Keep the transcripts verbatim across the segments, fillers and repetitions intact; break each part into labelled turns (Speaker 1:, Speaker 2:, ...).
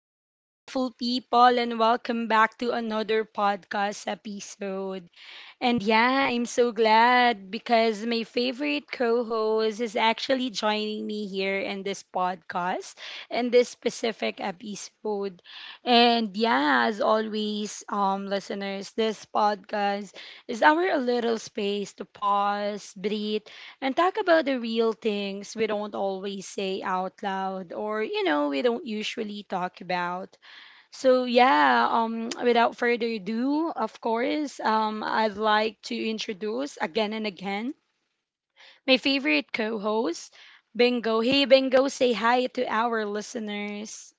Speaker 1: Hello, beautiful people, and welcome back to another podcast episode. And yeah, I'm so glad because my favorite co host is actually joining me here in this podcast in this specific episode. And yeah, as always, um, listeners, this podcast is our little space to pause, breathe, and talk about the real things we don't always say out loud or, you know, we don't usually talk about. So yeah, um, without further ado, of course, um, I'd like to introduce again and again my favorite co-host, Bingo. Hey, Bingo, say hi to our listeners.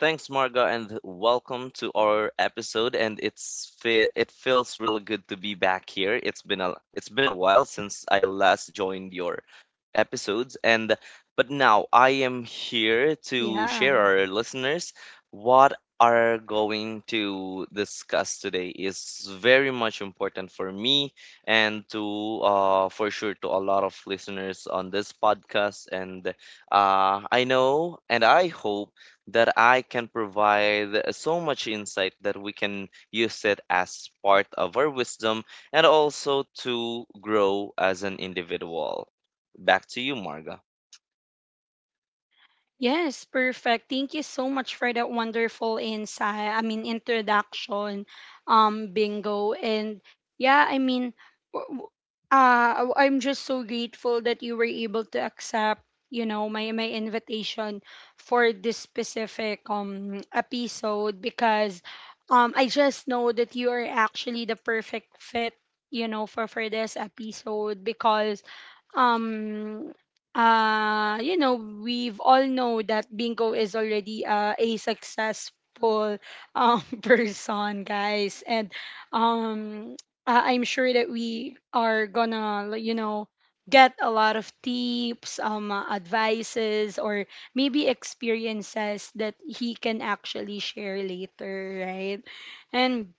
Speaker 2: Thanks, Marga, and welcome to our episode. And it's fe- it feels really good to be back here. It's been a it's been a while since I last joined your episodes, and but now I am here to
Speaker 1: Yeah.
Speaker 2: share our listeners what are going to discuss today is very much important for me and to uh, for sure, to a lot of listeners on this podcast. And uh, I know and I hope that I can provide so much insight that we can use it as part of our wisdom and also to grow as an individual. Back to you, Marga.
Speaker 1: Yes, perfect. Thank you so much for that wonderful insight. I mean, introduction, um, bingo, and yeah, I mean, w- w- uh, w- I'm just so grateful that you were able to accept, you know, my my invitation for this specific um episode because, um, I just know that you are actually the perfect fit, you know, for for this episode because um uh you know we've all know that bingo is already uh, a successful um person guys and um uh, I'm sure that we are gonna like, you know, get a lot of tips um uh, advices or maybe experiences that he can actually share later, right? And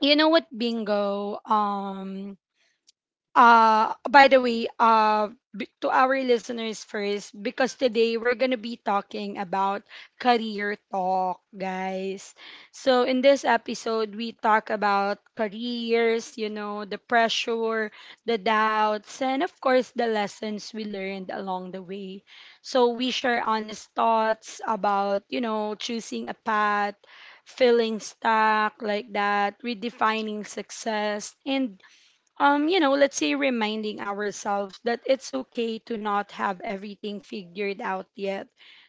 Speaker 1: you know what, bingo, um uh, by the way, uh, b- to our listeners first, because today we're gonna be talking about career talk, guys. So in this episode, we talk about careers, you know, the pressure, the doubts, and of course the lessons we learned along the way. So we share honest thoughts about, you know, choosing a path, feeling stuck like that, redefining success, and um, you know, let's say reminding ourselves that it's okay to not have everything figured out yet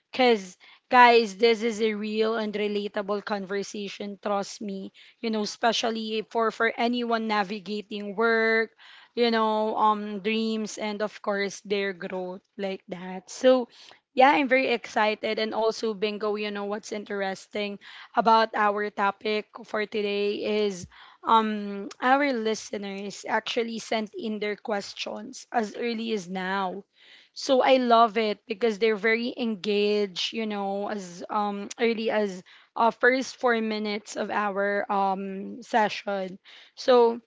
Speaker 1: because, guys, this is a real and relatable conversation, trust me. You know, especially for, for anyone navigating work, you know, um, dreams, and of course, their growth like that. So, yeah, I'm very excited. And also, Bingo, you know, what's interesting about our topic for today is um our listeners actually sent in their questions as early as now, so I love it because they're very engaged, you know, as um early as uh first four minutes of our um session. So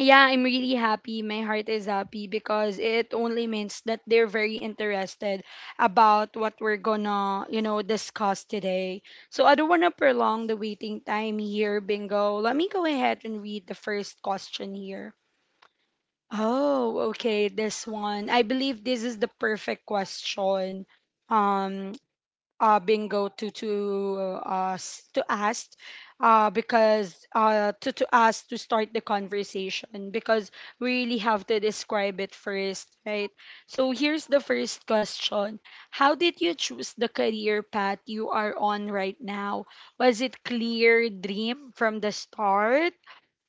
Speaker 1: yeah, I'm really happy. My heart is happy because it only means that they're very interested about what we're gonna, you know, discuss today. So I don't wanna prolong the waiting time here, bingo. Let me go ahead and read the first question here. Oh, okay, this one. I believe this is the perfect question. Um, uh, bingo to to uh, us to ask, uh, because uh, to to us to start the conversation because we really have to describe it first, right? So here's the first question: how did you choose the career path you are on right now? Was it clear dream from the start?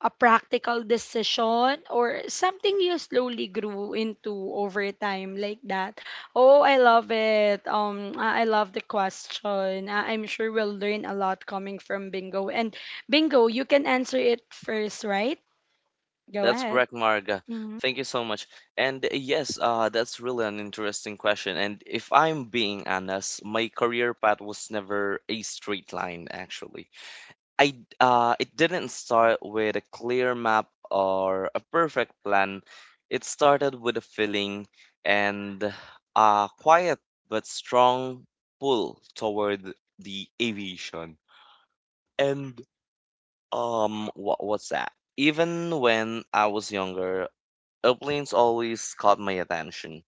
Speaker 1: A practical decision or something you slowly grew into over time like that. Oh, I love it. um i I love the question. I- I'm sure we'll learn a lot coming from bingo, and bingo, you can answer it first, right? Go
Speaker 2: That's
Speaker 1: ahead.
Speaker 2: correct, Marga.
Speaker 1: Hmm.
Speaker 2: Thank you so much. And uh, yes, uh, that's really an interesting question. And if I'm being honest, my career path was never a straight line, actually. I uh, It didn't start with a clear map or a perfect plan. It started with a feeling and a quiet but strong pull toward the aviation. And um, what what's that? even when I was younger, airplanes always caught my attention.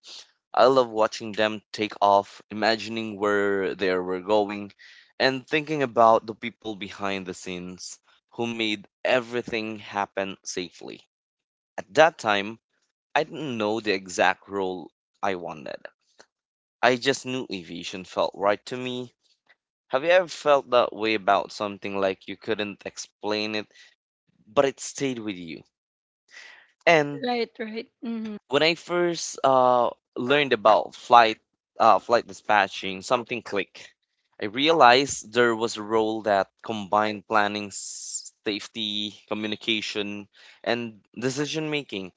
Speaker 2: I love watching them take off, imagining where they were going, and thinking about the people behind the scenes who made everything happen safely. At that time, I didn't know the exact role I wanted. I just knew aviation felt right to me. Have you ever felt that way about something, like you couldn't explain it, but it stayed with you? And
Speaker 1: Right, right. Mm-hmm.
Speaker 2: When I first uh, learned about flight uh, flight dispatching, something clicked. I realized there was a role that combined planning, s- safety, communication, and decision making.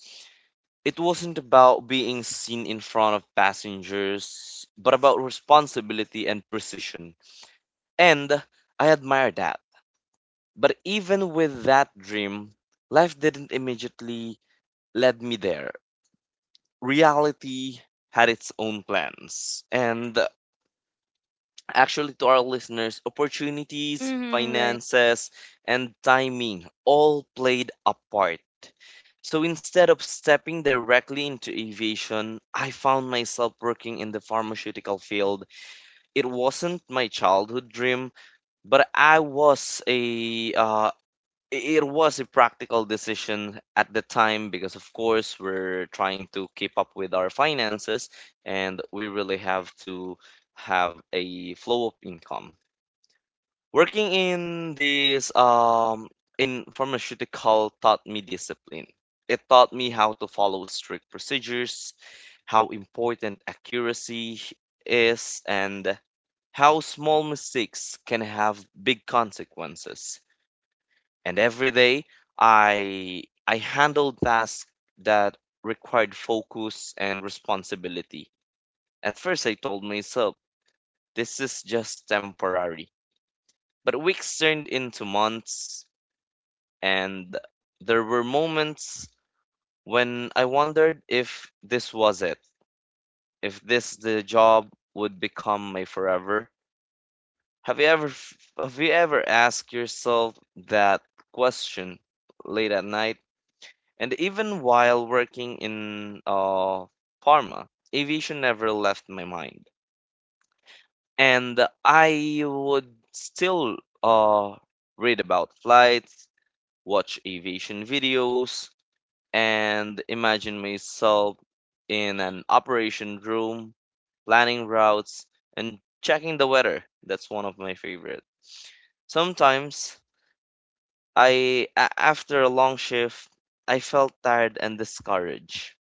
Speaker 2: It wasn't about being seen in front of passengers, but about responsibility and precision. And I admire that. But even with that dream, life didn't immediately lead me there. Reality had its own plans. And actually, to our listeners, opportunities,
Speaker 1: Mm-hmm, right.
Speaker 2: finances, and timing all played a part. So instead of stepping directly into aviation, I found myself working in the pharmaceutical field. It wasn't my childhood dream, but I was a uh, it was a practical decision at the time because of course we're trying to keep up with our finances and we really have to have a flow of income. Working in this um in pharmaceutical taught me discipline. It taught me how to follow strict procedures, how important accuracy is, and how small mistakes can have big consequences. And every day i i handled tasks that required focus and responsibility. At first I told myself this is just temporary, but weeks turned into months, and there were moments when I wondered if this was it, if this the job would become my forever. Have you ever f- have you ever asked yourself that question late at night? And even while working in uh, pharma, aviation never left my mind. And I would still uh, read about flights, watch aviation videos, and imagine myself in an operation room, planning routes, and checking the weather. That's one of my favorite. Sometimes I a- after a long shift, I felt tired and discouraged.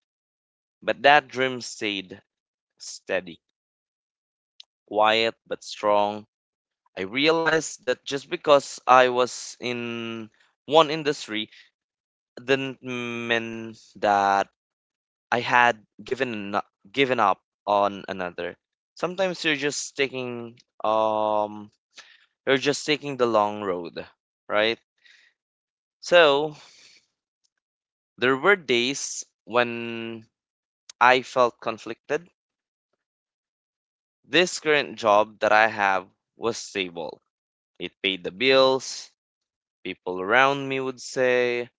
Speaker 2: But that dream stayed steady, quiet but strong. I realized that just because I was in one industry didn't mean that I had given n- given up on another. Sometimes you're just taking um you're just taking the long road, right? So there were days when I felt conflicted. This current job that I have was stable. It paid the bills. People around me would say,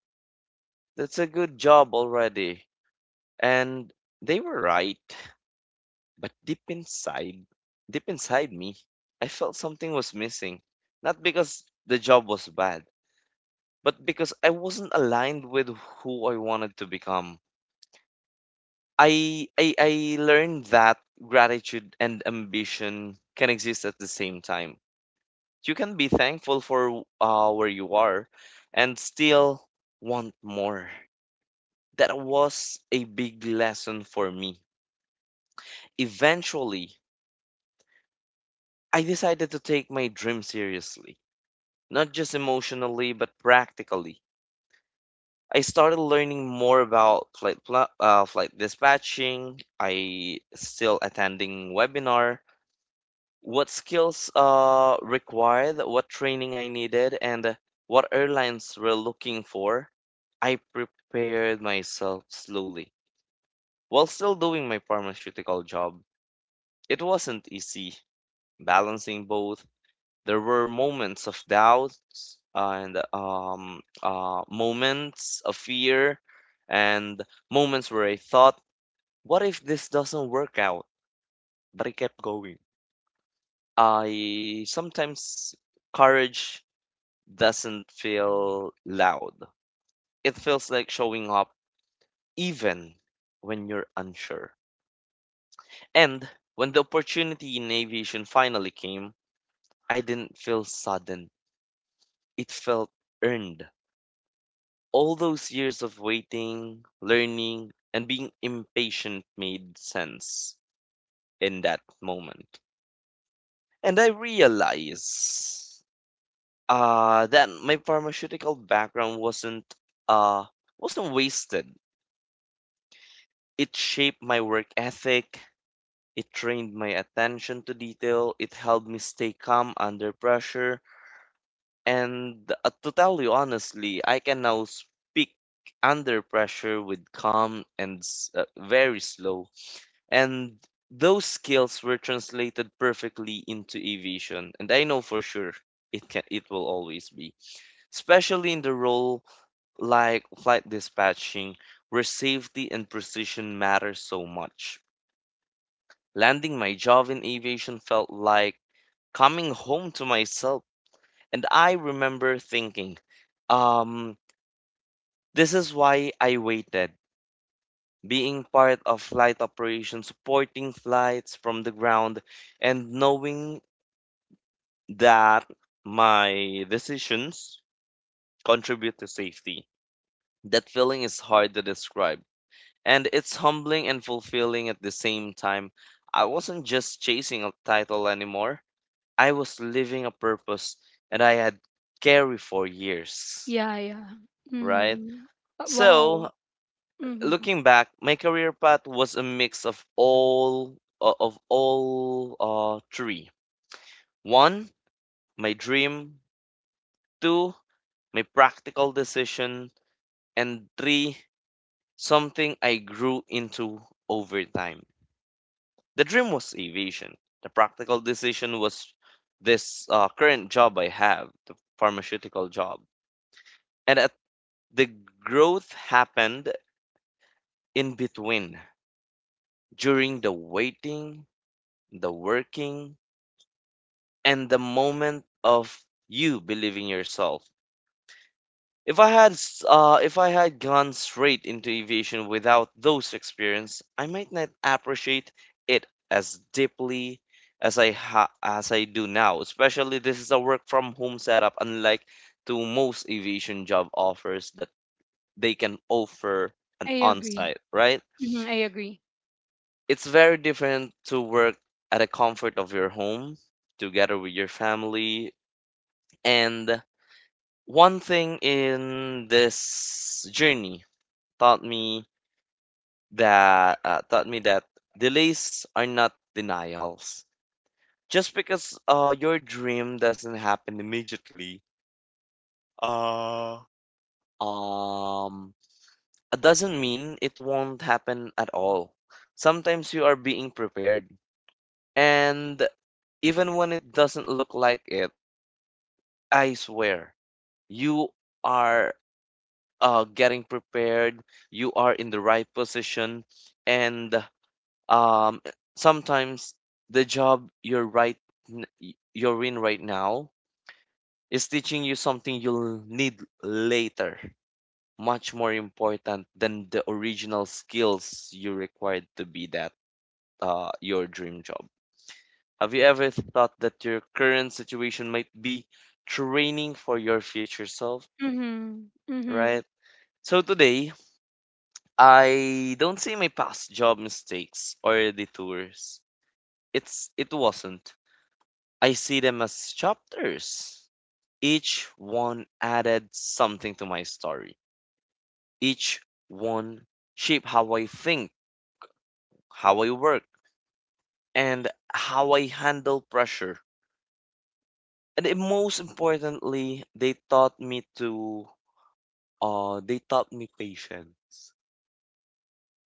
Speaker 2: "That's a good job already." And they were right. But deep inside, deep inside me, I felt something was missing. Not because the job was bad, but because I wasn't aligned with who I wanted to become. I, I, I learned that gratitude and ambition can exist at the same time. You can be thankful for uh, where you are and still want more. That was a big lesson for me. Eventually, I decided to take my dream seriously, not just emotionally, but practically. I started learning more about flight, pla- uh, flight dispatching. I still attending webinar what skills uh required, what training I needed, and what airlines were looking for. I prepared myself slowly while still doing my pharmaceutical job. It wasn't easy balancing both. There were moments of doubt and um, uh, moments of fear and moments where I thought, what if this doesn't work out? But I kept going. I sometimes courage doesn't feel loud. It feels like showing up even when you're unsure. And when the opportunity in aviation finally came, I didn't feel sudden. It felt earned. All those years of waiting, learning, and being impatient made sense in that moment. And I realized uh, that my pharmaceutical background wasn't uh, wasn't wasted. It shaped my work ethic, it trained my attention to detail, it helped me stay calm under pressure, and uh, to tell you honestly, I can now speak under pressure with calm and s- uh, very slow. And those skills were translated perfectly into aviation, and I know for sure it can it will always be, especially in the role like flight dispatching, where safety and precision matter so much. Landing my job in aviation felt like coming home to myself. And I remember thinking, um, this is why I waited. Being part of flight operations, supporting flights from the ground, and knowing that my decisions contribute to safety. That feeling is hard to describe. And it's humbling and fulfilling at the same time. I wasn't just chasing a title anymore. I was living a purpose that I had carried for years,
Speaker 1: Yeah, yeah.
Speaker 2: right?
Speaker 1: Mm-hmm. Wow.
Speaker 2: So,
Speaker 1: Mm-hmm.
Speaker 2: looking back, my career path was a mix of all o- of all uh, three. One, my dream. Two, my practical decision. And three, something I grew into over time. The dream was aviation. The practical decision was this uh, current job I have, the pharmaceutical job. And at The growth happened in between, during the waiting, the working, and the moment of you believing yourself. If I had s- uh, if I had gone straight into aviation without those experience, I might not appreciate it as deeply as I ha- as I do now. Especially this is a work from home setup, unlike to most aviation job offers that they can offer an
Speaker 1: I agree.
Speaker 2: on-site, right?
Speaker 1: Mm-hmm, I agree.
Speaker 2: It's very different to work at the comfort of your home together with your family. And one thing in this journey taught me that uh, taught me that delays are not denials. Just because uh, your dream doesn't happen immediately, uh, um, it doesn't mean it won't happen at all. Sometimes you are being prepared, and even when it doesn't look like it, I swear, you are uh, getting prepared, you are in the right position, and um, sometimes the job you're right n- y- you're in right now is teaching you something you'll need later, much more important than the original skills you required to be that uh, your dream job. Have you ever thought that your current situation might be training for your future self,
Speaker 1: Mm-hmm.
Speaker 2: right?
Speaker 1: Mm-hmm.
Speaker 2: So today, I don't see my past job mistakes or detours. It's it wasn't. I see them as chapters. Each one added something to my story. Each one shaped how I think, how I work, and how I handle pressure. And it- most importantly, they taught me to uh they taught me patience.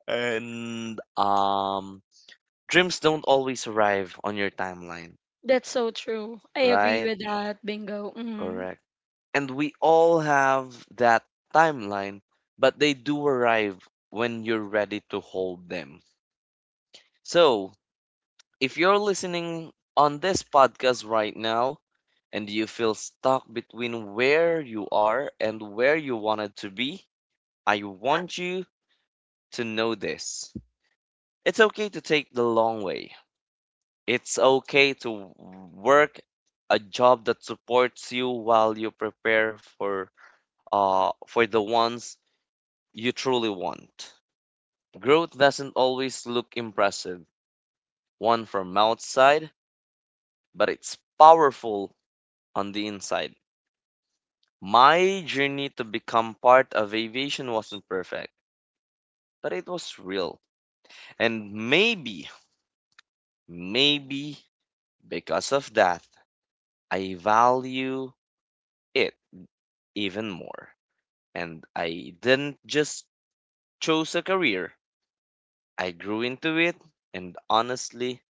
Speaker 2: And um dreams don't always arrive on your timeline.
Speaker 1: That's so true. I agree
Speaker 2: Right?
Speaker 1: with that, Bingo. Hmm.
Speaker 2: Correct. And we all have that timeline, but they do arrive when you're ready to hold them. So, if you're listening on this podcast right now and you feel stuck between where you are and where you wanted to be, I want you to know this. It's okay to take the long way. It's okay to work a job that supports you while you prepare for uh, for the ones you truly want. Growth doesn't always look impressive, one from outside, but it's powerful on the inside. My journey to become part of aviation wasn't perfect, but it was real. And maybe, maybe because of that, I value it even more. And I didn't just choose a career, I grew into it, and honestly,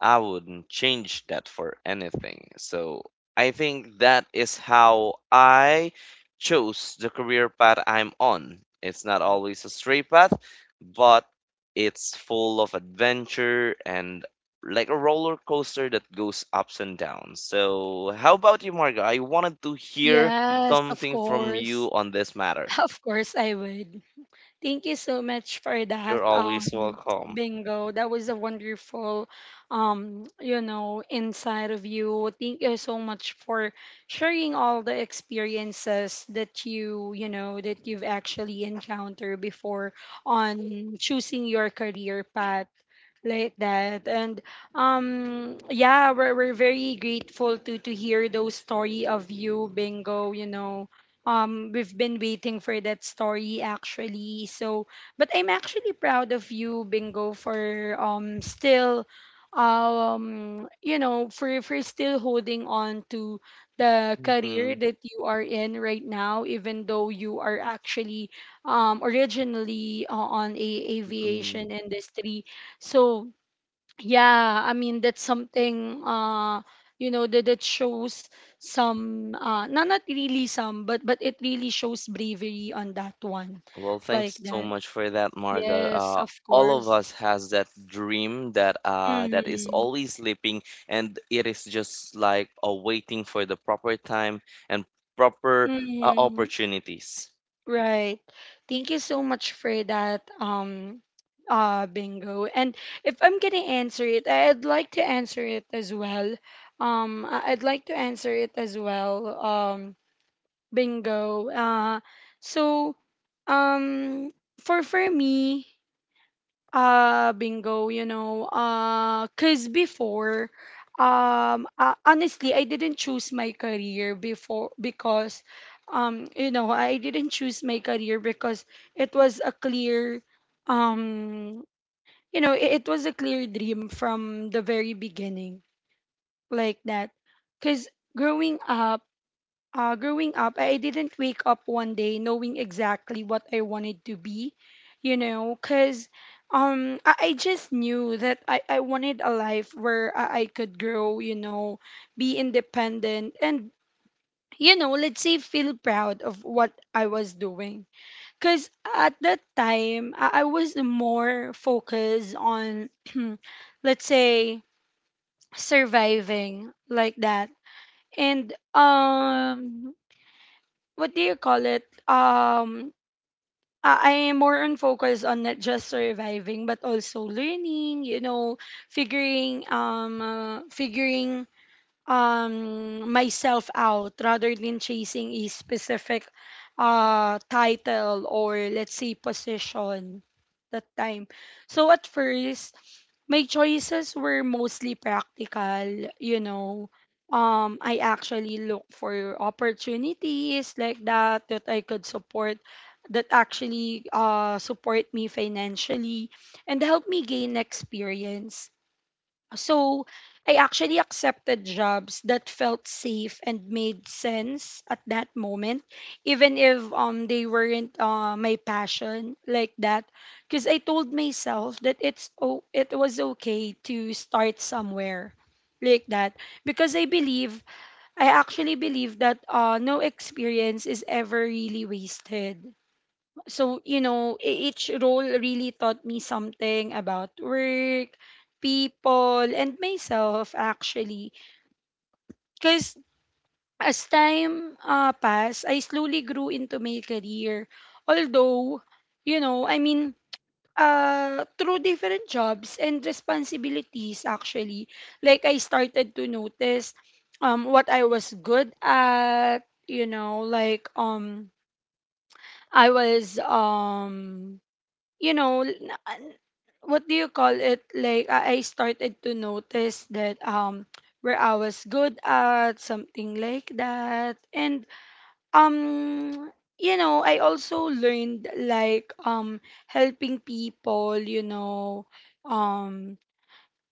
Speaker 2: I wouldn't change that for anything. So I think that is how I chose the career path I'm on. It's not always a straight path, but it's full of adventure and like a roller coaster that goes ups and downs. So, how about you, Margo? I wanted to hear
Speaker 1: Yes, of
Speaker 2: something from
Speaker 1: course.
Speaker 2: you on this matter.
Speaker 1: Of course, I would. Thank you so much for that,
Speaker 2: You're always
Speaker 1: um,
Speaker 2: welcome.
Speaker 1: Bingo. That was a wonderful, um, you know, inside of you. Thank you so much for sharing all the experiences that you, you know, that you've actually encountered before on choosing your career path like that. And um yeah, we're, we're very grateful to to hear those story of you, bingo, you know. um, we've been waiting for that story actually. So, but I'm actually proud of you, Bingo, for um still um you know, for for still holding on to the career that you are in right now, even though you are actually um originally uh, on a
Speaker 2: Hmm.
Speaker 1: aviation industry. So yeah, I mean that's something uh you know that, that shows some uh not not really some, but but it really shows bravery on that one
Speaker 2: Well,
Speaker 1: like
Speaker 2: thanks so
Speaker 1: that.
Speaker 2: much for that, Marga.
Speaker 1: Yes,
Speaker 2: Uh,
Speaker 1: of
Speaker 2: all of
Speaker 1: course.
Speaker 2: us has that dream that uh, that is
Speaker 1: Mm-hmm.
Speaker 2: always sleeping, and it is just like uh, waiting for the proper time and proper uh,
Speaker 1: Mm-hmm.
Speaker 2: opportunities.
Speaker 1: Right. Thank you so much for that, um, uh, bingo. And if I'm gonna answer it, I'd like to answer it as well. Um, I- I'd like to answer it as well. Um, Bingo. Uh, so, um, for for me, uh, bingo. You know, uh, cause before, um, uh, honestly, I didn't choose my career before because, um, you know, I didn't choose my career because it was a clear, um, you know, it, it was a clear dream from the very beginning, like that. Cause growing up uh, growing up, I didn't wake up one day knowing exactly what I wanted to be, you know, because um, I, I just knew that I, I wanted a life where I, I could grow, you know, be independent, and, you know, let's say feel proud of what I was doing. Because at that time, I, I was more focused on, let's say, surviving like that. And um what do you call it? Um, I I am more on focus on not just surviving, but also learning. You know, figuring um, uh, figuring um myself out rather than chasing a specific uh title or let's say position that time. So at first my choices were mostly practical, you know. Um, I actually look for opportunities like that that I could support, that actually uh, support me financially and help me gain experience. So I actually accepted jobs that felt safe and made sense at that moment, even if um they weren't uh, my passion like that. Because I told myself that it's oh it was okay to start somewhere like that, because I believe I actually believe that uh no experience is ever really wasted. So you know, e- each role really taught me something about work, people, and myself actually. Because as time uh, passed, I slowly grew into my career, although you know, I mean, uh, through different jobs and responsibilities actually. Like I started to notice um, what I was good at, you know. Like um I was um you know l- na- what do you call it like I I started to notice that um where I was good at something like that. And um you know, I also learned like um helping people, you know, um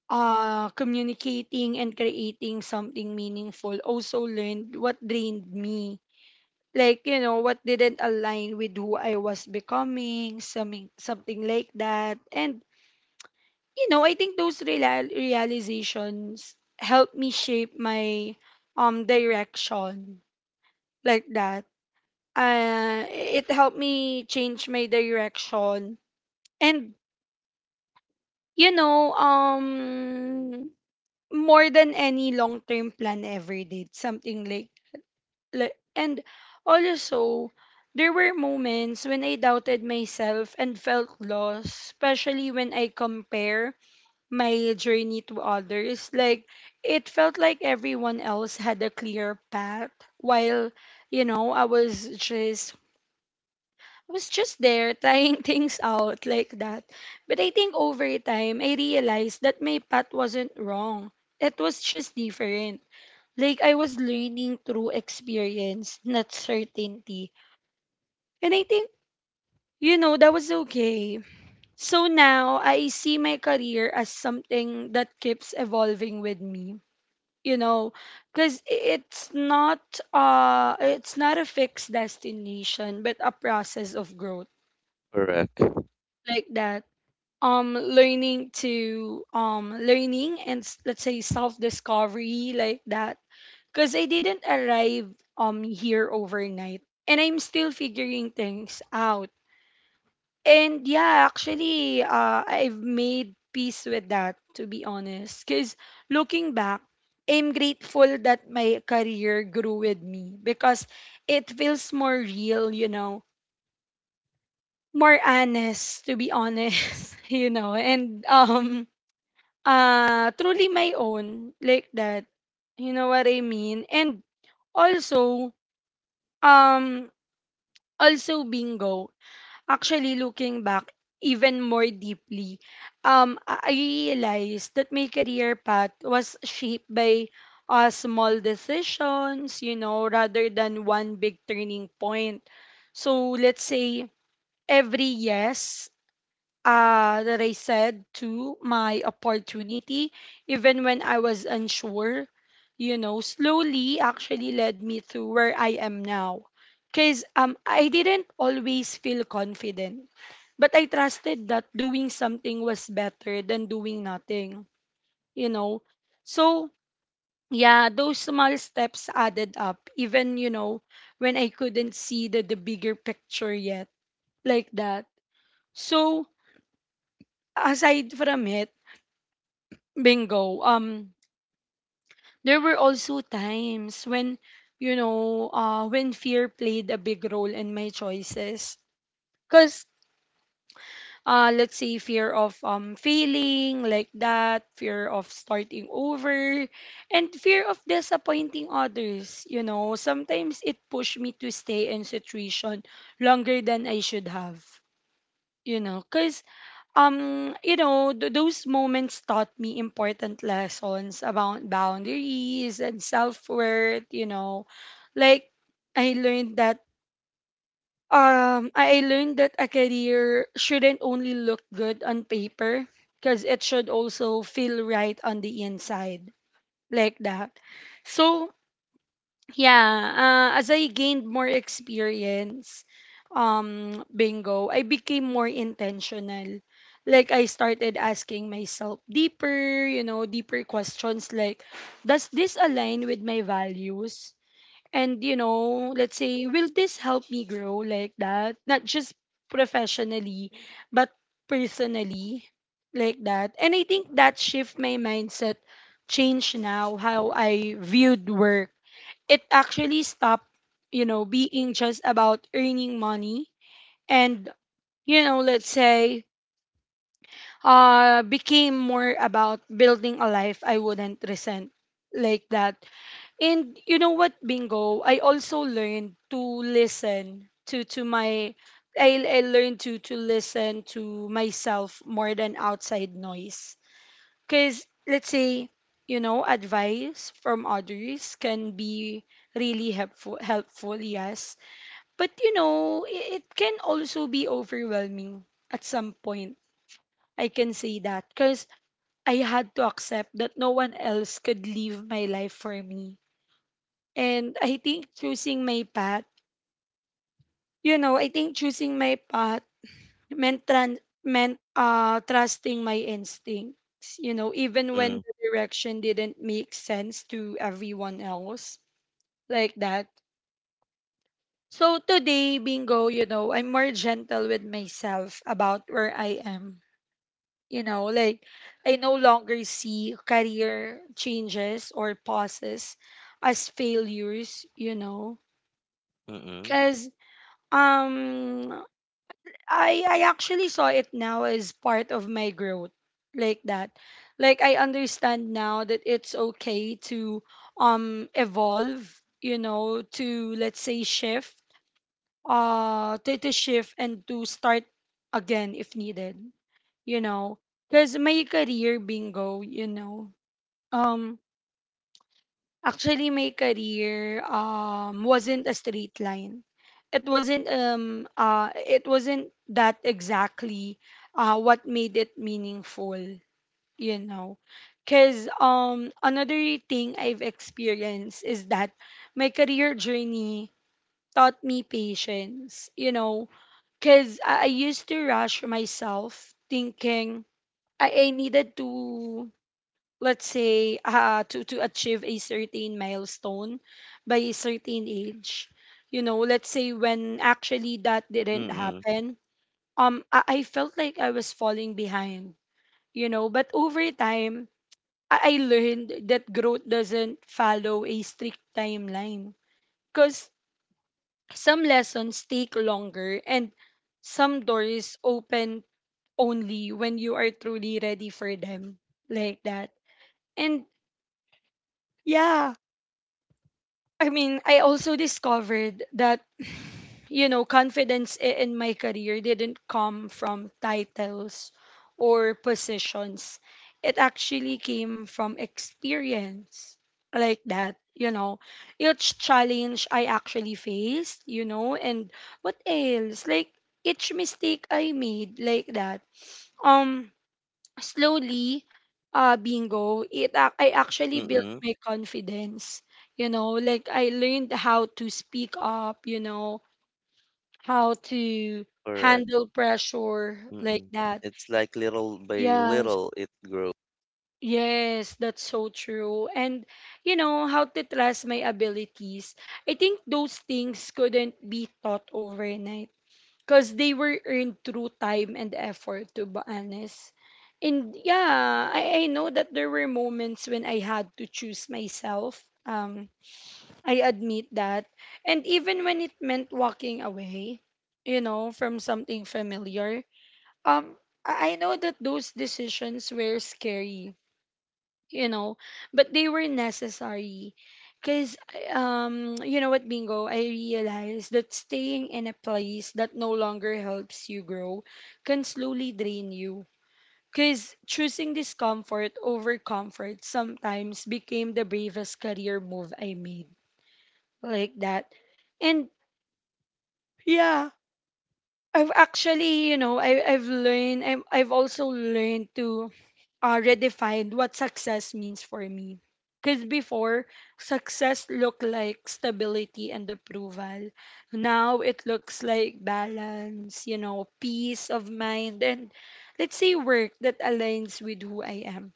Speaker 1: uh communicating and creating something meaningful. Also learned what drained me, like, you know, what didn't align with who I was becoming, something something like that. And you know, I think those real- realizations helped me shape my um direction like that. Uh, it helped me change my direction, and you know, um, more than any long term plan ever did, something like like. And also, there were moments when I doubted myself and felt lost, especially when I compare my journey to others. Like it felt like everyone else had a clear path while you know I was just was just there trying things out like that. But I think over time I realized that my path wasn't wrong. It was just different. Like I was learning through experience, not certainty. And I think you know that was okay. So now I see my career as something that keeps evolving with me, you know, because it's not uh it's not a fixed destination but a process of growth
Speaker 2: Correct.
Speaker 1: like that. um learning to um learning and s- let's say self discovery like that, because I didn't arrive um here overnight and I'm still figuring things out. And yeah, actually, uh, I've made peace with that, to be honest. Because looking back, I'm grateful that my career grew with me because it feels more real, you know, more honest, to be honest, you know, and um, uh, truly my own, like that. You know what I mean? And also, um, also bingo, actually looking back even more deeply, um, I I realized that my career path was shaped by uh, small decisions, you know, rather than one big turning point. So let's say every yes uh, that I said to my opportunity, even when I was unsure, you know, slowly actually led me to where I am now. Because um, I didn't always feel confident, but I trusted that doing something was better than doing nothing, you know. So, yeah, those small steps added up, even, you know, when I couldn't see the, the bigger picture yet, like that. So, aside from it, Bingo, Um, there were also times when, you know, uh, when fear played a big role in my choices. Cause, uh, let's say fear of um failing like that, fear of starting over, and fear of disappointing others. You know, sometimes it pushed me to stay in situation longer than I should have. You know, cause um you know th- those moments taught me important lessons about boundaries and self-worth you know like i learned that um i I learned that a career shouldn't only look good on paper because it should also feel right on the inside like that so yeah, uh, as I gained more experience, um, bingo, I became more intentional. Like I started asking myself deeper, you know, deeper questions like, does this align with my values? And you know, let's say, will this help me grow like that? Not just professionally, but personally, like that. And I think that shift my mindset changed now how I viewed work. It actually stopped, you know, being just about earning money and, you know, let's say, uh, became more about building a life I wouldn't resent like that. And you know what, Bingo, I also learned to listen to to my I, I learned to to listen to myself more than outside noise. Cause let's say, you know, advice from others can be really helpful helpful yes, but you know, i- it can also be overwhelming at some point. I can say that because I had to accept that no one else could live my life for me. And I think choosing my path, you know, I think choosing my path meant tran- meant uh trusting my instincts, you know, even when
Speaker 2: Mm,
Speaker 1: the direction didn't make sense to everyone else like that. So today, bingo, you know, I'm more gentle with myself about where I am you know like i no longer see career changes or pauses as failures, you know,
Speaker 2: mm-mm,
Speaker 1: because um i i actually saw it now as part of my growth like that. Like I understand now that it's okay to um evolve, you know, to let's say shift, uh to, to shift and to start again if needed, you know, because my career bingo, you know, um actually my career um wasn't a straight line. It wasn't um uh it wasn't that exactly uh what made it meaningful, you know, because um another thing I've experienced is that my career journey taught me patience, you know, because I, I used to rush myself thinking I, I needed to, let's say, uh, to, to achieve a certain milestone by a certain age. You know, let's say when actually that didn't
Speaker 2: mm-mm,
Speaker 1: happen, um, I, I felt like I was falling behind, you know, but over time, I, I learned that growth doesn't follow a strict timeline. Because some lessons take longer and some doors open only when you are truly ready for them like that. And yeah, I mean, I also discovered that, you know, confidence i- in my career didn't come from titles or positions. It actually came from experience like that, you know. Each challenge I actually faced, you know, and what else? Like each mistake I made like that. Um slowly, uh, bingo, it ac- I actually built
Speaker 2: mm-mm,
Speaker 1: my confidence. You know, like I learned how to speak up. You know, how to
Speaker 2: correct.
Speaker 1: handle pressure like
Speaker 2: Mm-mm.
Speaker 1: that.
Speaker 2: It's like little by
Speaker 1: Yes,
Speaker 2: little it grows.
Speaker 1: yes, that's so true. And you know how to trust my abilities. I think those things couldn't be taught overnight, because they were earned through time and effort, to be honest. And yeah, I, I know that there were moments when I had to choose myself. Um i admit that, and even when it meant walking away, you know, from something familiar. Um i I know that those decisions were scary, you know, but they were necessary, because um you know what, bingo, I realized that staying in a place that no longer helps you grow can slowly drain you, because choosing discomfort over comfort sometimes became the bravest career move I made like that. And yeah, I've actually, you know, I, i've learned I'm, i've also learned to uh, redefined what success means for me. Because before, success looked like stability and approval. Now it looks like balance, you know, peace of mind, and let's say work that aligns with who I am.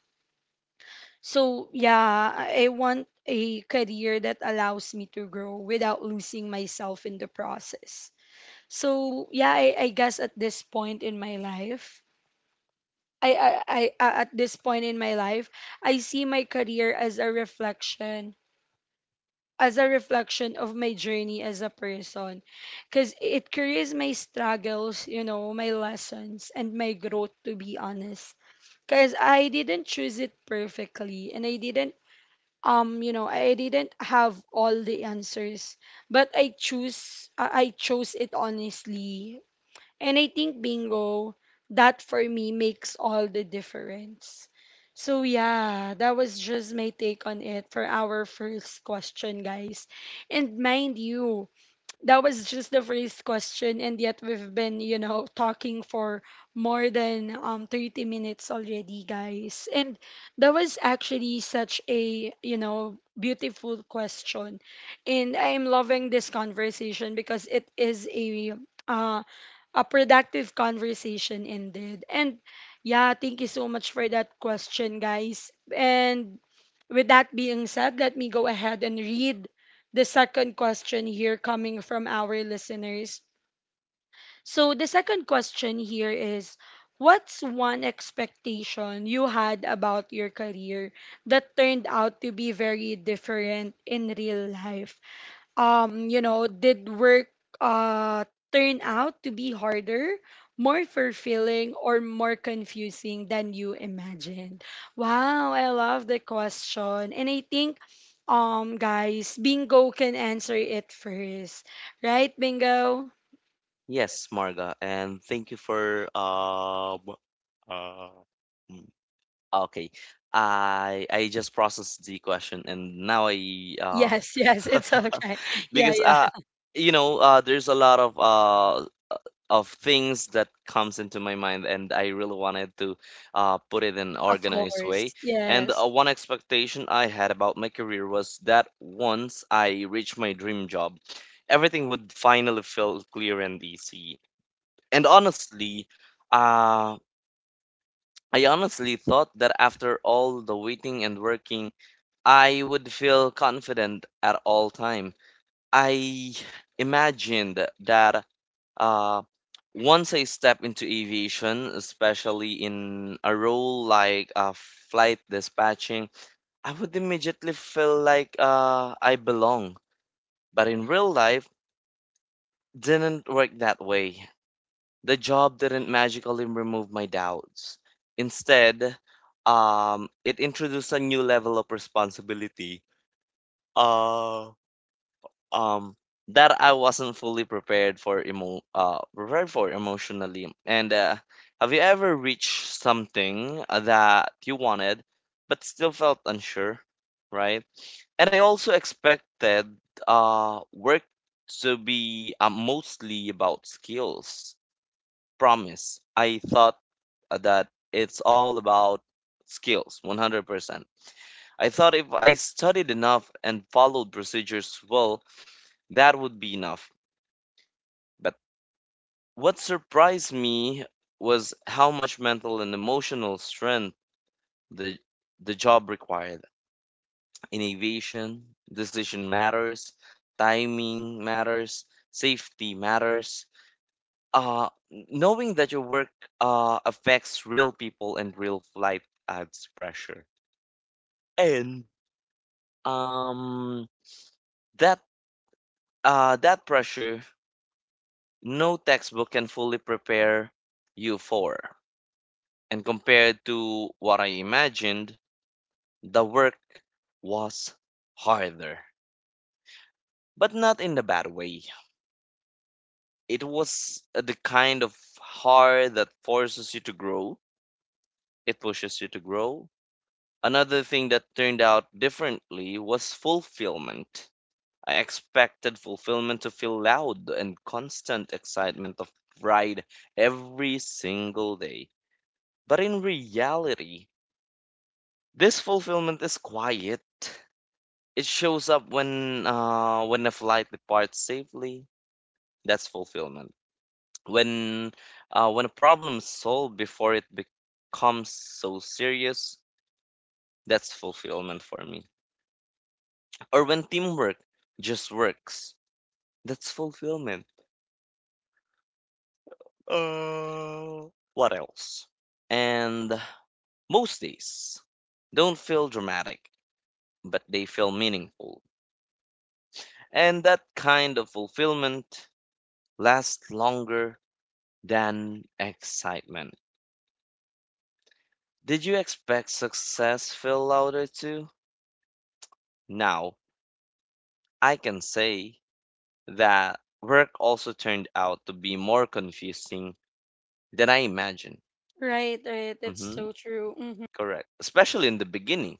Speaker 1: So, yeah, I I want a career that allows me to grow without losing myself in the process. So, yeah, I, I guess at this point in my life, I, I, I a- at this point in my life, I see my career as a reflection, as a reflection of my journey as a person, because it carries my struggles, you know, my lessons and my growth. To be honest, because I didn't choose it perfectly, and I didn't um you know, I didn't have all the answers, but I choose I I chose it honestly, and I think bingo, that for me makes all the difference. So yeah, that was just my take on it for our first question, guys. And mind you, that was just the first question and yet we've been, you know, talking for more than um thirty minutes already, guys. And that was actually such a, you know, beautiful question. And I am loving this conversation because it is a um a productive conversation ended. And yeah, thank you so much for that question, guys. And with that being said, let me go ahead and read the second question here coming from our listeners. So, the second question here is, what's one expectation you had about your career that turned out to be very different in real life? Um, you know, did work uh, turn out to be harder, more fulfilling, or more confusing than you imagined? Wow, I love the question. And I think, um, guys, Bingo can answer it first. Right, Bingo?
Speaker 2: Yes, Marga, and thank you for uh, b- uh, mm. Okay. I I just processed the question and now I uh
Speaker 1: Yes, yes, it's okay. Yeah,
Speaker 2: because
Speaker 1: yeah,
Speaker 2: uh you know uh there's a lot of uh of things that comes into my mind, and I really wanted to uh put it in an
Speaker 1: of
Speaker 2: organized way.
Speaker 1: course.
Speaker 2: And
Speaker 1: Yes.
Speaker 2: uh, one expectation I had about my career was that once I reach my dream job, everything would finally feel clear and easy. And honestly, uh I honestly thought that after all the waiting and working, I would feel confident at all time. I imagined that uh, once I step into aviation, especially in a role like uh, flight dispatching, I would immediately feel like uh, I belong. But in real life, didn't work that way. The job didn't magically remove my doubts. Instead, um, it introduced a new level of responsibility. Uh, um that I wasn't fully prepared for emo uh prepared for emotionally. And uh, have you ever reached something uh, that you wanted but still felt unsure, right? And I also expected uh work to be uh, mostly about skills. Promise. I thought uh, that it's all about skills, one hundred percent. I thought if I studied enough and followed procedures well, that would be enough. But what surprised me was how much mental and emotional strength the the job required. Innovation, decision matters, timing matters, safety matters. Uh, knowing that your work uh, affects real people and real flight adds pressure. And um, that uh, that pressure, no textbook can fully prepare you for. And compared to what I imagined, the work was harder, but not in the bad way. It was uh, the kind of hard that forces you to grow, it pushes you to grow. Another thing that turned out differently was fulfillment. I expected fulfillment to feel loud and constant excitement of pride every single day. But in reality, this fulfillment is quiet. It shows up when uh, when a flight departs safely. That's fulfillment. When uh, when a problem is solved before it becomes so serious, that's fulfillment for me. Or when teamwork just works, that's fulfillment. Uh, what else? And most days don't feel dramatic, but they feel meaningful. And that kind of fulfillment lasts longer than excitement. Did you expect success feel louder too? Now, I can say that work also turned out to be more confusing than I imagined.
Speaker 1: Right, right. That's
Speaker 2: Hmm,
Speaker 1: so true. Hmm.
Speaker 2: correct. Especially in the beginning.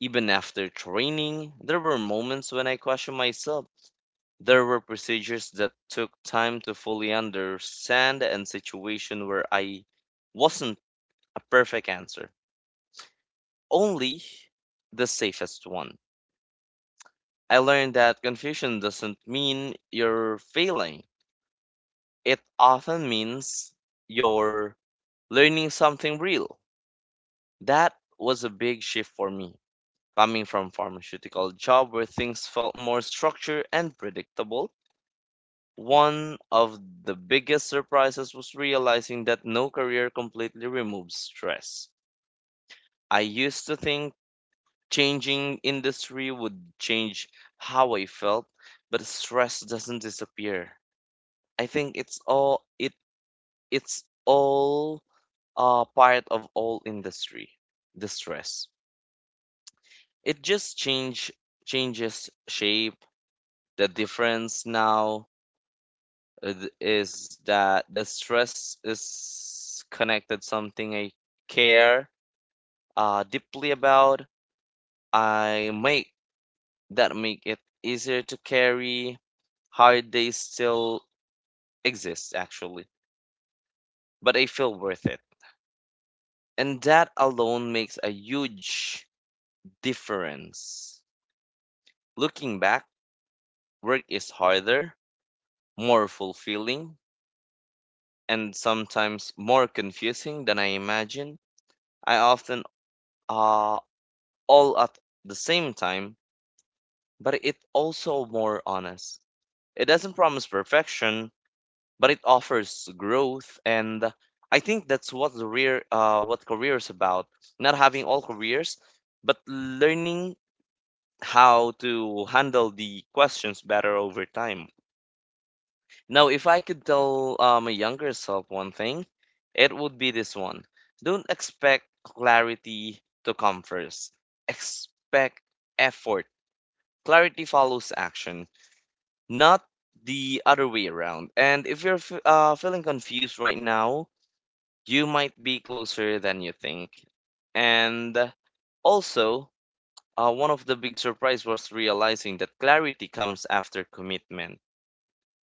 Speaker 2: Even after training, there were moments when I questioned myself. There were procedures that took time to fully understand and situations where I wasn't a perfect answer. Only the safest one. I learned that confusion doesn't mean you're failing. It often means you're learning something real. That was a big shift for me. Coming from pharmaceutical job where things felt more structured and predictable, one of the biggest surprises was realizing that no career completely removes stress. I used to think changing industry would change how I felt, but stress doesn't disappear. I think it's all it it's all uh part of all industry, the stress. It just change changes shape. The difference now, uh, th- is that the stress is connected something I care uh deeply about. I make That make it easier to carry. Hard days still exist actually, but I feel worth it. And that alone makes a huge difference. Looking back, work is harder, more fulfilling, and sometimes more confusing than I imagine. I often uh, all at the same time, but it's also more honest. It doesn't promise perfection, but it offers growth, and I think that's what the rear, uh, what career is about. Not having all careers, but learning how to handle the questions better over time. Now, if I could tell uh, my younger self one thing, it would be this one. Don't expect clarity to come first. Expect effort. Clarity follows action, not the other way around. And if you're f- uh, feeling confused right now, you might be closer than you think. And also, Uh, one of the big surprise was realizing that clarity comes after commitment,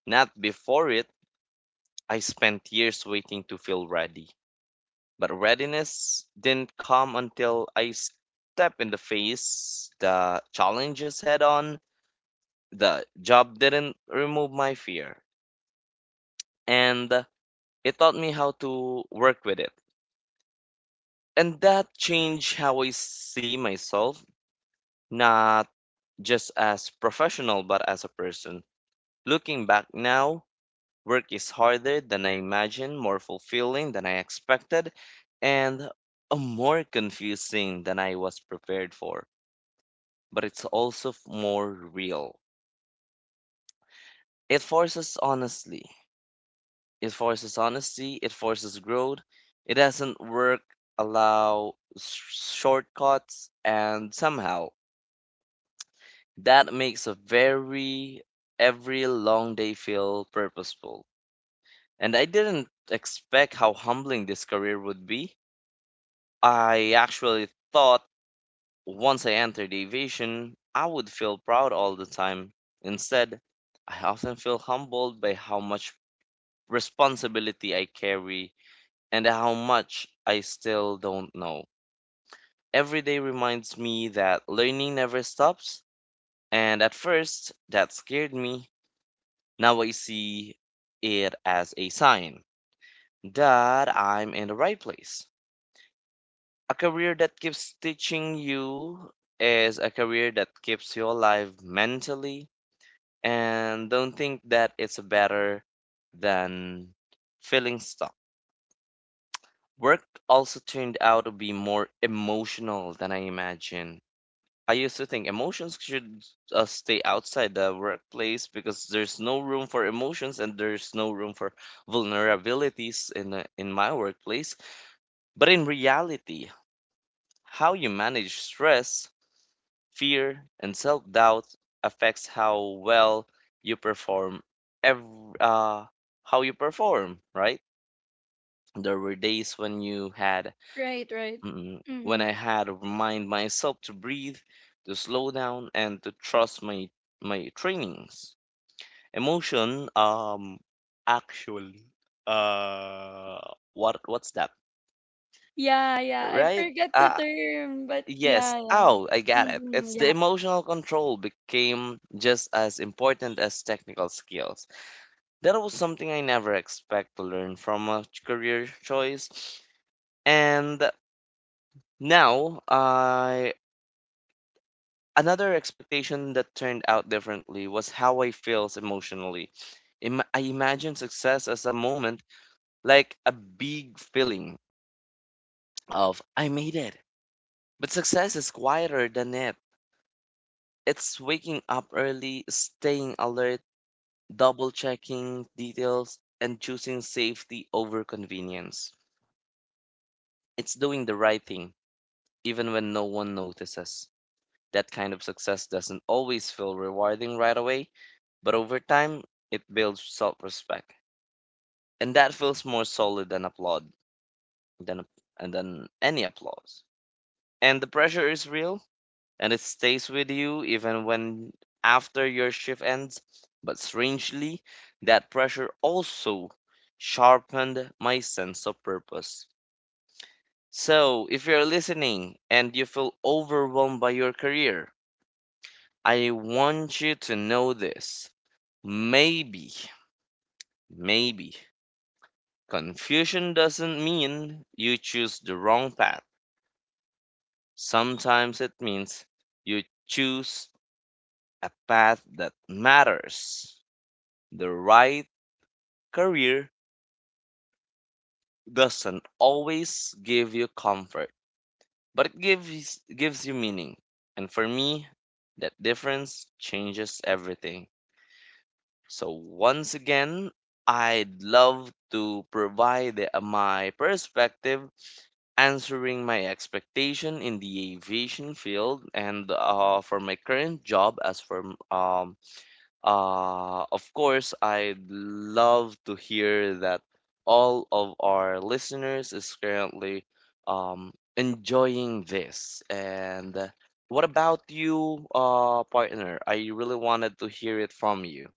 Speaker 2: not before it. I spent years waiting to feel ready, but readiness didn't come until I stepped in the face, the challenges head on. The job didn't remove my fear, and it taught me how to work with it. And that changed how I see myself, not just as professional, but as a person. Looking back now, work is harder than I imagined, more fulfilling than I expected, and uh, more confusing than I was prepared for. But it's also f- more real. It forces honesty. It forces honesty. It forces growth. It doesn't work, allow sh- shortcuts, and somehow that makes a very every long day feel purposeful. And I didn't expect how humbling this career would be. I actually thought once I entered aviation, I would feel proud all the time. Instead, I often feel humbled by how much responsibility I carry and how much I still don't know. Every day reminds me that learning never stops, and at first, that scared me. Now I see it as a sign that I'm in the right place. A career that keeps teaching you is a career that keeps you alive mentally. And don't think that it's better than feeling stuck. Work also turned out to be more emotional than I imagined. I used to think emotions should uh, stay outside the workplace because there's no room for emotions and there's no room for vulnerabilities in the- in my workplace. But in reality, how you manage stress, fear and self-doubt affects how well you perform every, uh, how you perform right. There were days when you had
Speaker 1: Right, right.
Speaker 2: mm, when
Speaker 1: Hmm.
Speaker 2: I had to remind myself to breathe, to slow down and to trust my my trainings. Emotion um actually uh what what's that,
Speaker 1: Yeah, yeah. I
Speaker 2: right?
Speaker 1: forgot the
Speaker 2: uh,
Speaker 1: term, but
Speaker 2: Yes.
Speaker 1: yeah, yeah.
Speaker 2: Oh, I got it.
Speaker 1: Mhm,
Speaker 2: It's the
Speaker 1: yeah,
Speaker 2: emotional control became just as important as technical skills. That was something I never expect to learn from a career choice. And now, I another expectation that turned out differently was how I feels emotionally. Im- I imagine success as a moment like a big feeling of I made it. But success is quieter than it. It's waking up early, staying alert, double checking details, and choosing safety over convenience. It's doing the right thing, even when no one notices. That kind of success doesn't always feel rewarding right away, but over time, it builds self respect. And that feels more solid than applaud, than, and than any applause. And the pressure is real, and it stays with you even when after your shift ends. But strangely, that pressure also sharpened my sense of purpose. So, if you're listening and you feel overwhelmed by your career, I want you to know this. Maybe, maybe, confusion doesn't mean you choose the wrong path. Sometimes it means you choose a path that matters. The right career doesn't always give you comfort, but it gives gives you meaning. And for me, that difference changes everything. So once again, I'd love to provide the- my perspective answering my expectation in the aviation field and uh, for my current job as for um. Uh, of course, I'd love to hear that all of our listeners is currently um, enjoying this. And uh, what about you, uh, partner? I really wanted to hear it from you.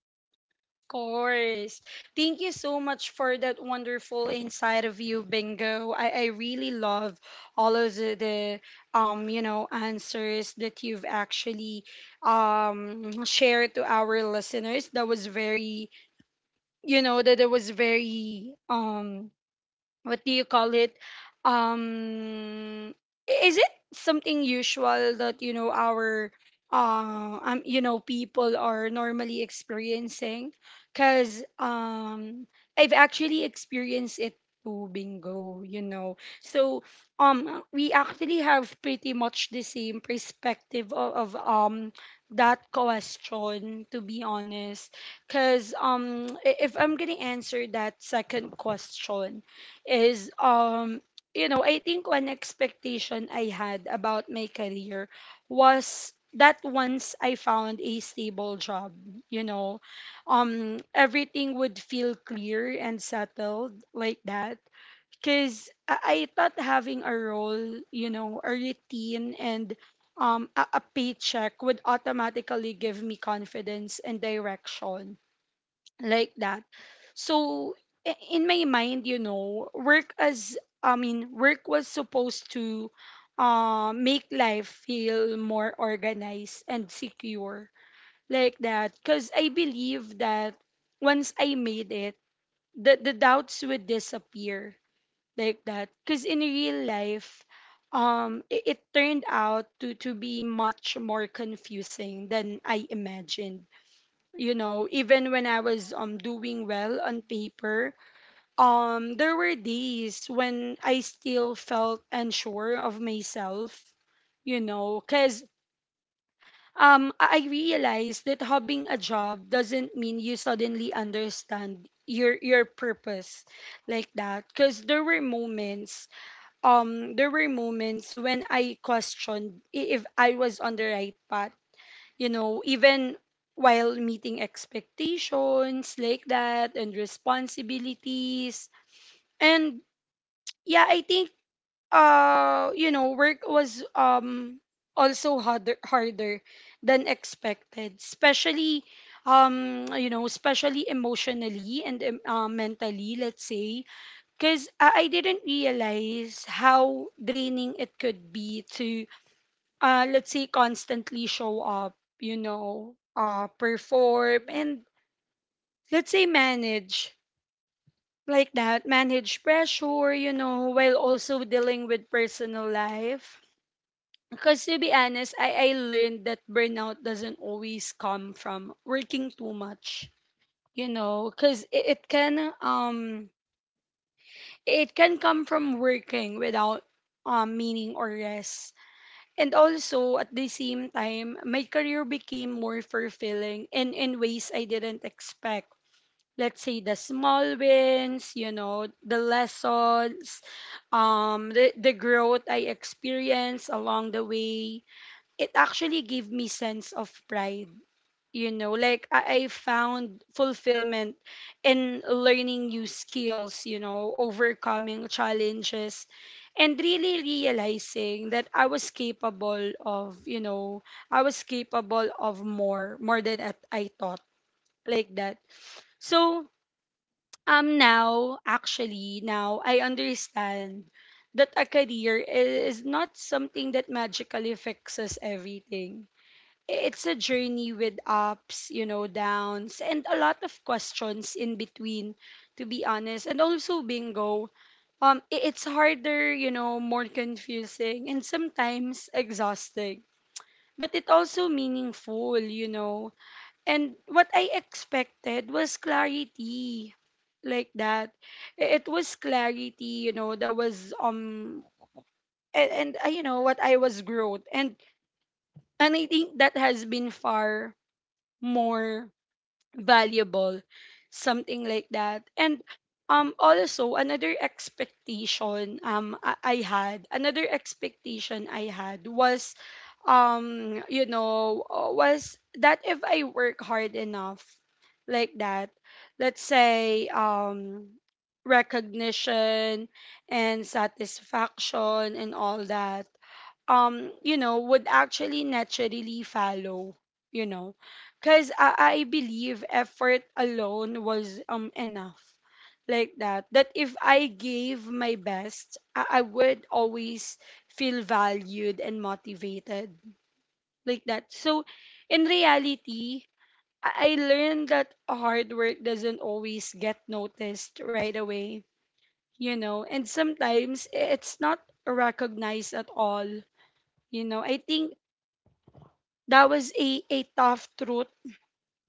Speaker 1: of course. Thank you so much for that wonderful inside of you, Bingo. I, I really love all of the, the um, you know, answers that you've actually um shared to our listeners. That was very, you know, that, that was very um what do you call it, um I- is it something usual that you know our uh, um you know people are normally experiencing, because um I've actually experienced it too, bingo, you know, so um we actually have pretty much the same perspective of, of um that question, to be honest, because um i- if I'm gonna answer that second question is um you know, I think one expectation I had about my career was that once I found a stable job, you know, um everything would feel clear and settled like that, because I-, I thought having a role, you know, a routine and um, a, a paycheck would automatically give me confidence and direction like that. So i- in my mind, you know, work as I mean, work was supposed to uh, make life feel more organized and secure, like that. Because I believe that once I made it, the the doubts would disappear, like that. Because in real life, um, it, it turned out to to be much more confusing than I imagined, you know, even when I was um doing well on paper. Um there were days when I still felt unsure of myself, you know, cuz um i i realized that having a job doesn't mean you suddenly understand your your purpose, like that. Cuz there were moments, um there were moments when I questioned i- if I was on the right path, you know, even while meeting expectations like that and responsibilities. And yeah, I think uh you know, work was um also harder harder than expected, especially um you know, especially emotionally and um, uh, mentally, let's say, cuz I I didn't realize how draining it could be to uh, let's say constantly show up, you know, uh, perform and let's say manage like that, manage pressure, you know, while also dealing with personal life. Because to be honest, I, I learned that burnout doesn't always come from working too much, you know, because it, it can um it can come from working without um meaning or rest. And also at the same time, my career became more fulfilling in, in ways I didn't expect. Let's say the small wins, you know, the lessons, um, the, the growth I experienced along the way. It actually gave me sense of pride, you know, like I, I found fulfillment in learning new skills, you know, overcoming challenges, and really realizing that I was capable of, you know, I was capable of more more than at- i thought, like that. So um now actually now I understand that a career i- is not something that magically fixes everything. It's a journey with ups, you know, downs, and a lot of questions in between, to be honest. And also bingo, um, i- it's harder, you know, more confusing and sometimes exhausting. But it also meaningful, you know. And what I expected was clarity like that. I- It was clarity, you know, that was um and, and uh, you know what I was growth. And and I think that has been far more valuable something like that. And um also another expectation, um I, I had another expectation I had was um you know uh, was that if I work hard enough, like that. Let's say um recognition and satisfaction and all that, um you know, would actually naturally follow, you know, because I, I believe effort alone was um enough, like that, that if I gave my best I, I would always feel valued and motivated, like that. So in reality, I, I learned that hard work doesn't always get noticed right away, you know, and sometimes i- it's not recognized at all, you know. I think that was a, a tough truth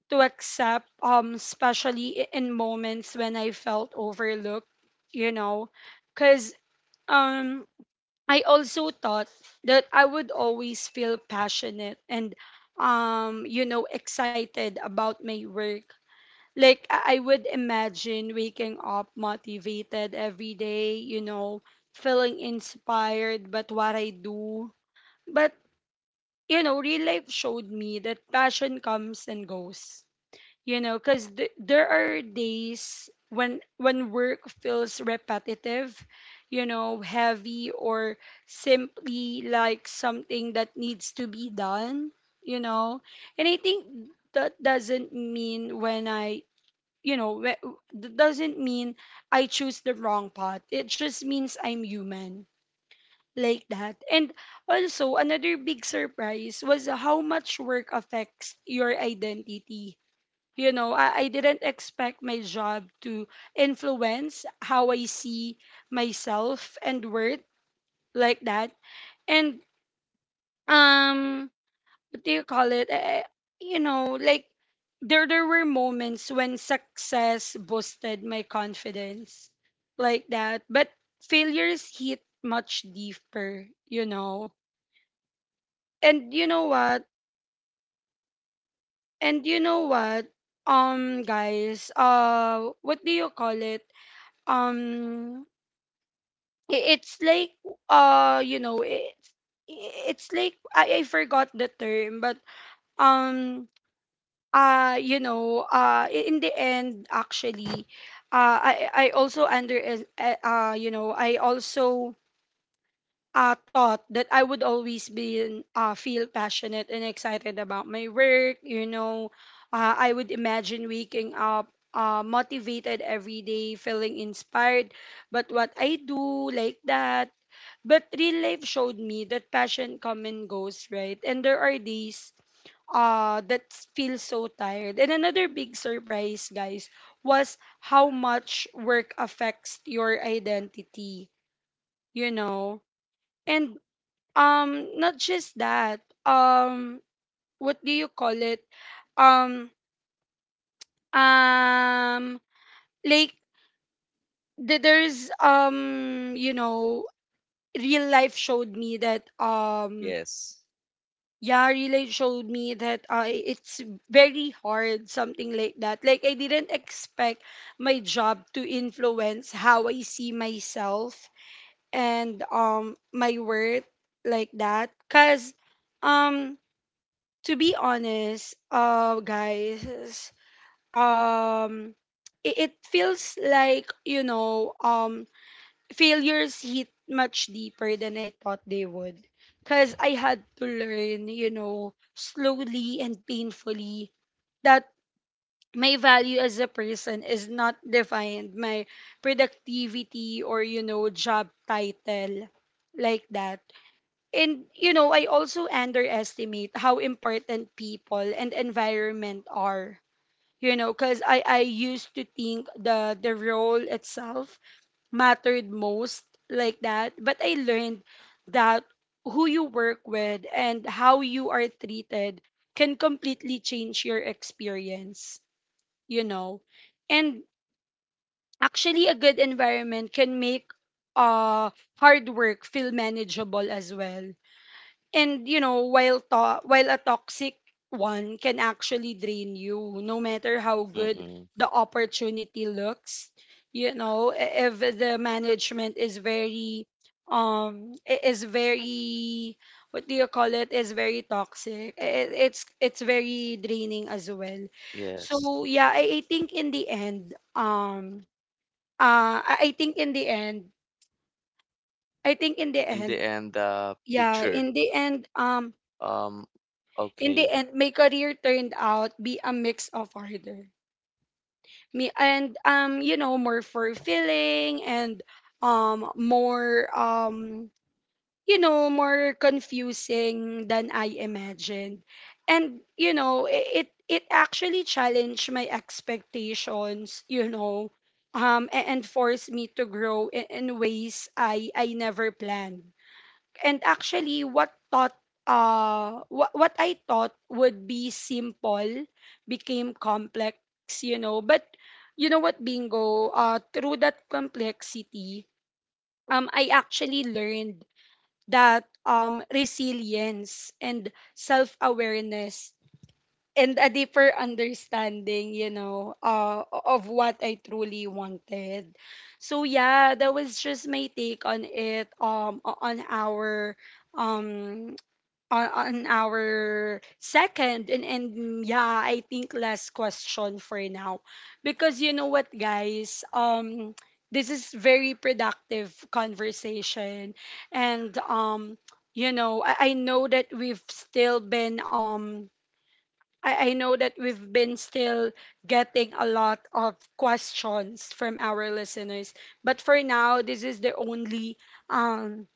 Speaker 1: to accept, um, especially i- in moments when I felt overlooked, you know, because um, I also thought that I would always feel passionate and, um, you know, excited about my work. Like, I I would imagine waking up motivated every day, you know, feeling inspired but what I do. But you know, real life showed me that passion comes and goes. You know, because th- there are days when when work feels repetitive, you know, heavy or simply like something that needs to be done. You know, and I think that doesn't mean when I you know wh- that doesn't mean I choose the wrong path. It just means I'm human, like that. And also, another big surprise was how much work affects your identity. You know, I, I didn't expect my job to influence how I see myself and worth, like that. And, um, what do you call it? I, I- you know, like, there, there were moments when success boosted my confidence, like that. But failures hit much deeper, you know. And you know what? And you know what? Um, guys, uh, what do you call it? Um, I- it's like, uh, you know, it's it's like I, I forgot the term, but um, uh, you know, uh, i- in the end, actually, uh, I I also under, uh, uh, you know, I also uh, thought that I would always be in- uh, feel passionate and excited about my work. You know, uh, I would imagine waking up uh, motivated every day, feeling inspired. But what I do, like that. But real life showed me that passion come and goes, right? And there are days uh, that feel so tired. And another big surprise, guys, was how much work affects your identity. You know, and um not just that. Um what do you call it um um like th- There's um you know real life showed me that um
Speaker 2: Yes.
Speaker 1: yeah, real life showed me that uh, it's very hard, something like that. Like, I didn't expect my job to influence how I see myself and um my worth, like that, because um to be honest, uh, guys, um, it, it feels like, you know, um, failures hit much deeper than I thought they would, cause I had to learn, you know, slowly and painfully, that my value as a person is not defined my productivity or, you know, job title, like that. And you know, I also underestimate how important people and environment are. You know, because I, I used to think the the role itself mattered most, like that. But I learned that who you work with and how you are treated can completely change your experience, you know. And actually, a good environment can make uh hard work feel manageable as well. And you know, while to- while a toxic one can actually drain you, no matter how good
Speaker 2: Mm-mm.
Speaker 1: the opportunity looks, you know. I- if the management is very um i- is very, what do you call it, is very toxic, i- i- it's it's very draining as well.
Speaker 2: Yes.
Speaker 1: So yeah, i, I think in the end. Um uh I I think in the end, I think in the
Speaker 2: And the
Speaker 1: end,
Speaker 2: end uh,
Speaker 1: yeah,
Speaker 2: picture.
Speaker 1: in the end, um
Speaker 2: Um,
Speaker 1: in the
Speaker 2: okay.
Speaker 1: end, my career turned out be a mix of harder. Me and, um, you know, more fulfilling and um more um you know, more confusing than I imagined. And you know, i- it it actually challenged my expectations, you know, um a- and forced me to grow in, in ways I I never planned. And actually, what thought, uh, what, what I thought would be simple became complex, you know. But you know what, Bingo, uh, through that complexity, um, I actually learned that, um, resilience and self awareness and a deeper understanding, you know, uh, of what I truly wanted. So yeah, that was just my take on it, um, o- on our um on, on our second and and yeah, I think last question for now. Because you know what guys, um this is very productive conversation. And um You know, I, I know that we've still been um I, I know that we've been still getting a lot of questions from our listeners. But for now, this is the only um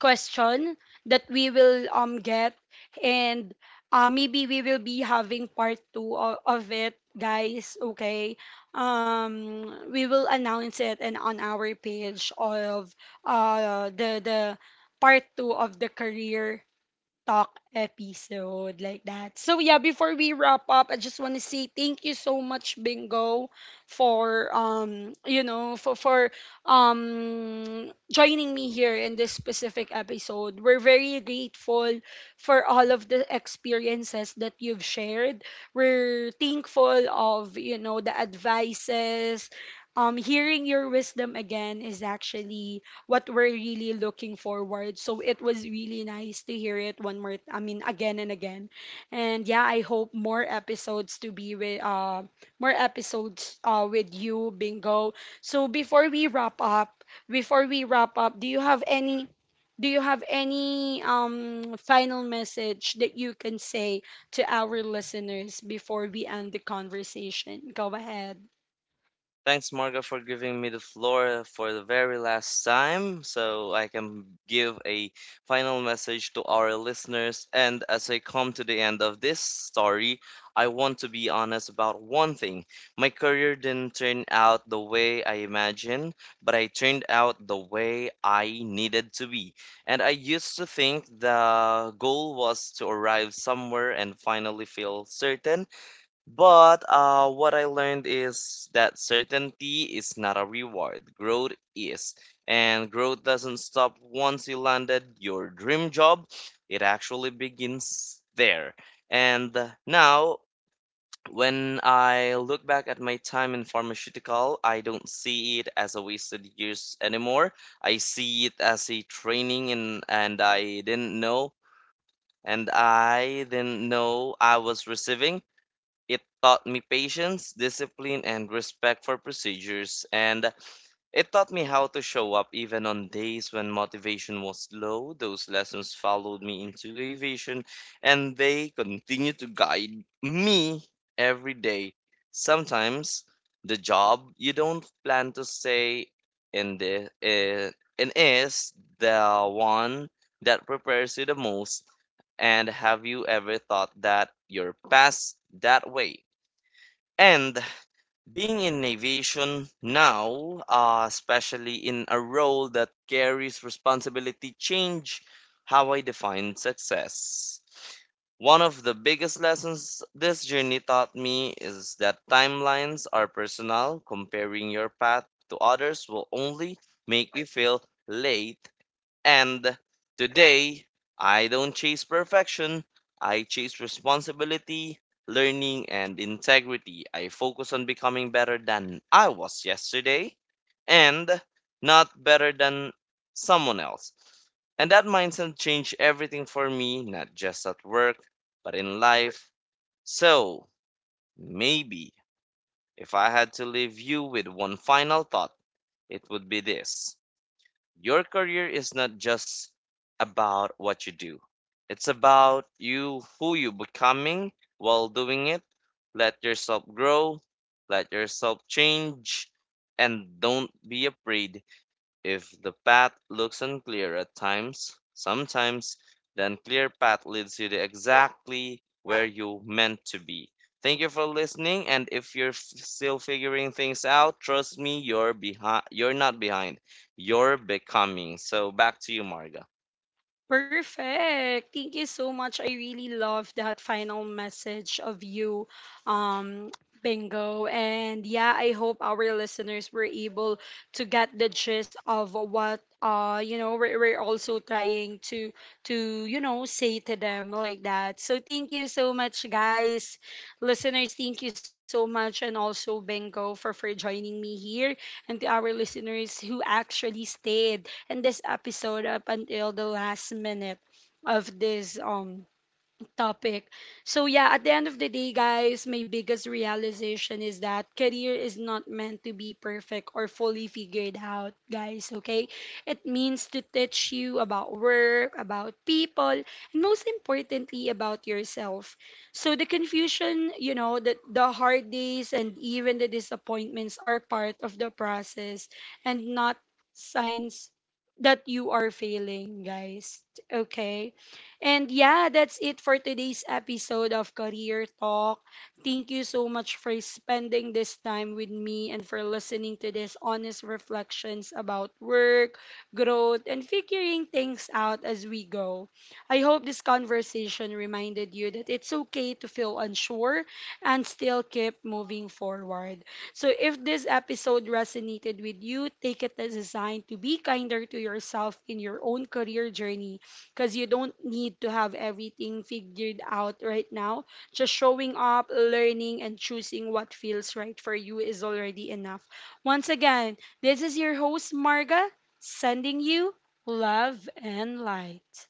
Speaker 1: question that we will um get. And uh, maybe we will be having part two of, of it, guys, okay? um we will announce it and on our page of uh the the part two of the career talk episode, like that. So yeah, before we wrap up, I just want to say thank you so much, Bingo, for um you know for for um joining me here in this specific episode. We're very grateful for all of the experiences that you've shared. We're thankful of, you know, the advices. Um, hearing your wisdom again is actually what we're really looking forward. So it was really nice to hear it one more, I mean, again and again. And yeah, I hope more episodes to be with uh more episodes uh with you, Bingo. So before we wrap up, before we wrap up, do you have any, do you have any um final message that you can say to our listeners before we end the conversation? Go ahead.
Speaker 2: Thanks, Marga, for giving me the floor for the very last time so I can give a final message to our listeners. And as I come to the end of this story, I want to be honest about one thing. My career didn't turn out the way I imagined, but I turned out the way I needed to be. And I used to think the goal was to arrive somewhere and finally feel certain. But uh, what I learned is that certainty is not a reward. Growth is. And growth doesn't stop once you landed your dream job, it actually begins there. And now, when I look back at my time in pharmaceutical, I don't see it as a wasted years anymore. I see it as a training, and, and I didn't know, and I didn't know I was receiving. It taught me patience, discipline, and respect for procedures, and it taught me how to show up even on days when motivation was low. Those lessons followed me into aviation, and they continue to guide me every day. Sometimes the job you don't plan to stay in the uh, and is the one that prepares you the most. And have you ever thought that your are past that way? And being in aviation now, uh, especially in a role that carries responsibility, change how I define success. One of the biggest lessons this journey taught me is that timelines are personal. Comparing your path to others will only make you feel late, and today, I don't chase perfection, I chase responsibility, learning, and integrity. I focus on becoming better than I was yesterday and not better than someone else. And that mindset changed everything for me, not just at work, but in life. So, maybe if I had to leave you with one final thought, it would be this. Your career is not just about what you do. It's about you, who you becoming while doing it. Let yourself grow, let yourself change, and don't be afraid if the path looks unclear at times, sometimes then clear path leads you to exactly where you meant to be. Thank you for listening, and if you're f- still figuring things out, trust me, you're behind. You're not behind. You're becoming. So back to you, Marga.
Speaker 1: Perfect. Thank you so much. I really love that final message of you, um, Bingo. And yeah, I hope our listeners were able to get the gist of what, uh you know, we're, we're also trying to to you know, say to them, like that. So thank you so much, guys. Listeners, thank you so much. And also, Bingo, for for joining me here, and to our listeners who actually stayed in this episode up until the last minute of this um topic. So, yeah, at the end of the day, guys, my biggest realization is that career is not meant to be perfect or fully figured out, guys, okay? It means to teach you about work, about people, and most importantly, about yourself. So, the confusion, you know, the, the hard days and even the disappointments are part of the process and not signs that you are failing, guys. Okay. And yeah, that's it for today's episode of Career Talk. Thank you so much for spending this time with me and for listening to these honest reflections about work, growth, and figuring things out as we go. I hope this conversation reminded you that it's okay to feel unsure and still keep moving forward. So if this episode resonated with you, take it as a sign to be kinder to yourself in your own career journey, because you don't need to have everything figured out right now. Just showing up, learning, and choosing what feels right for you is already enough. Once again, this is your host, Marga, sending you love and light.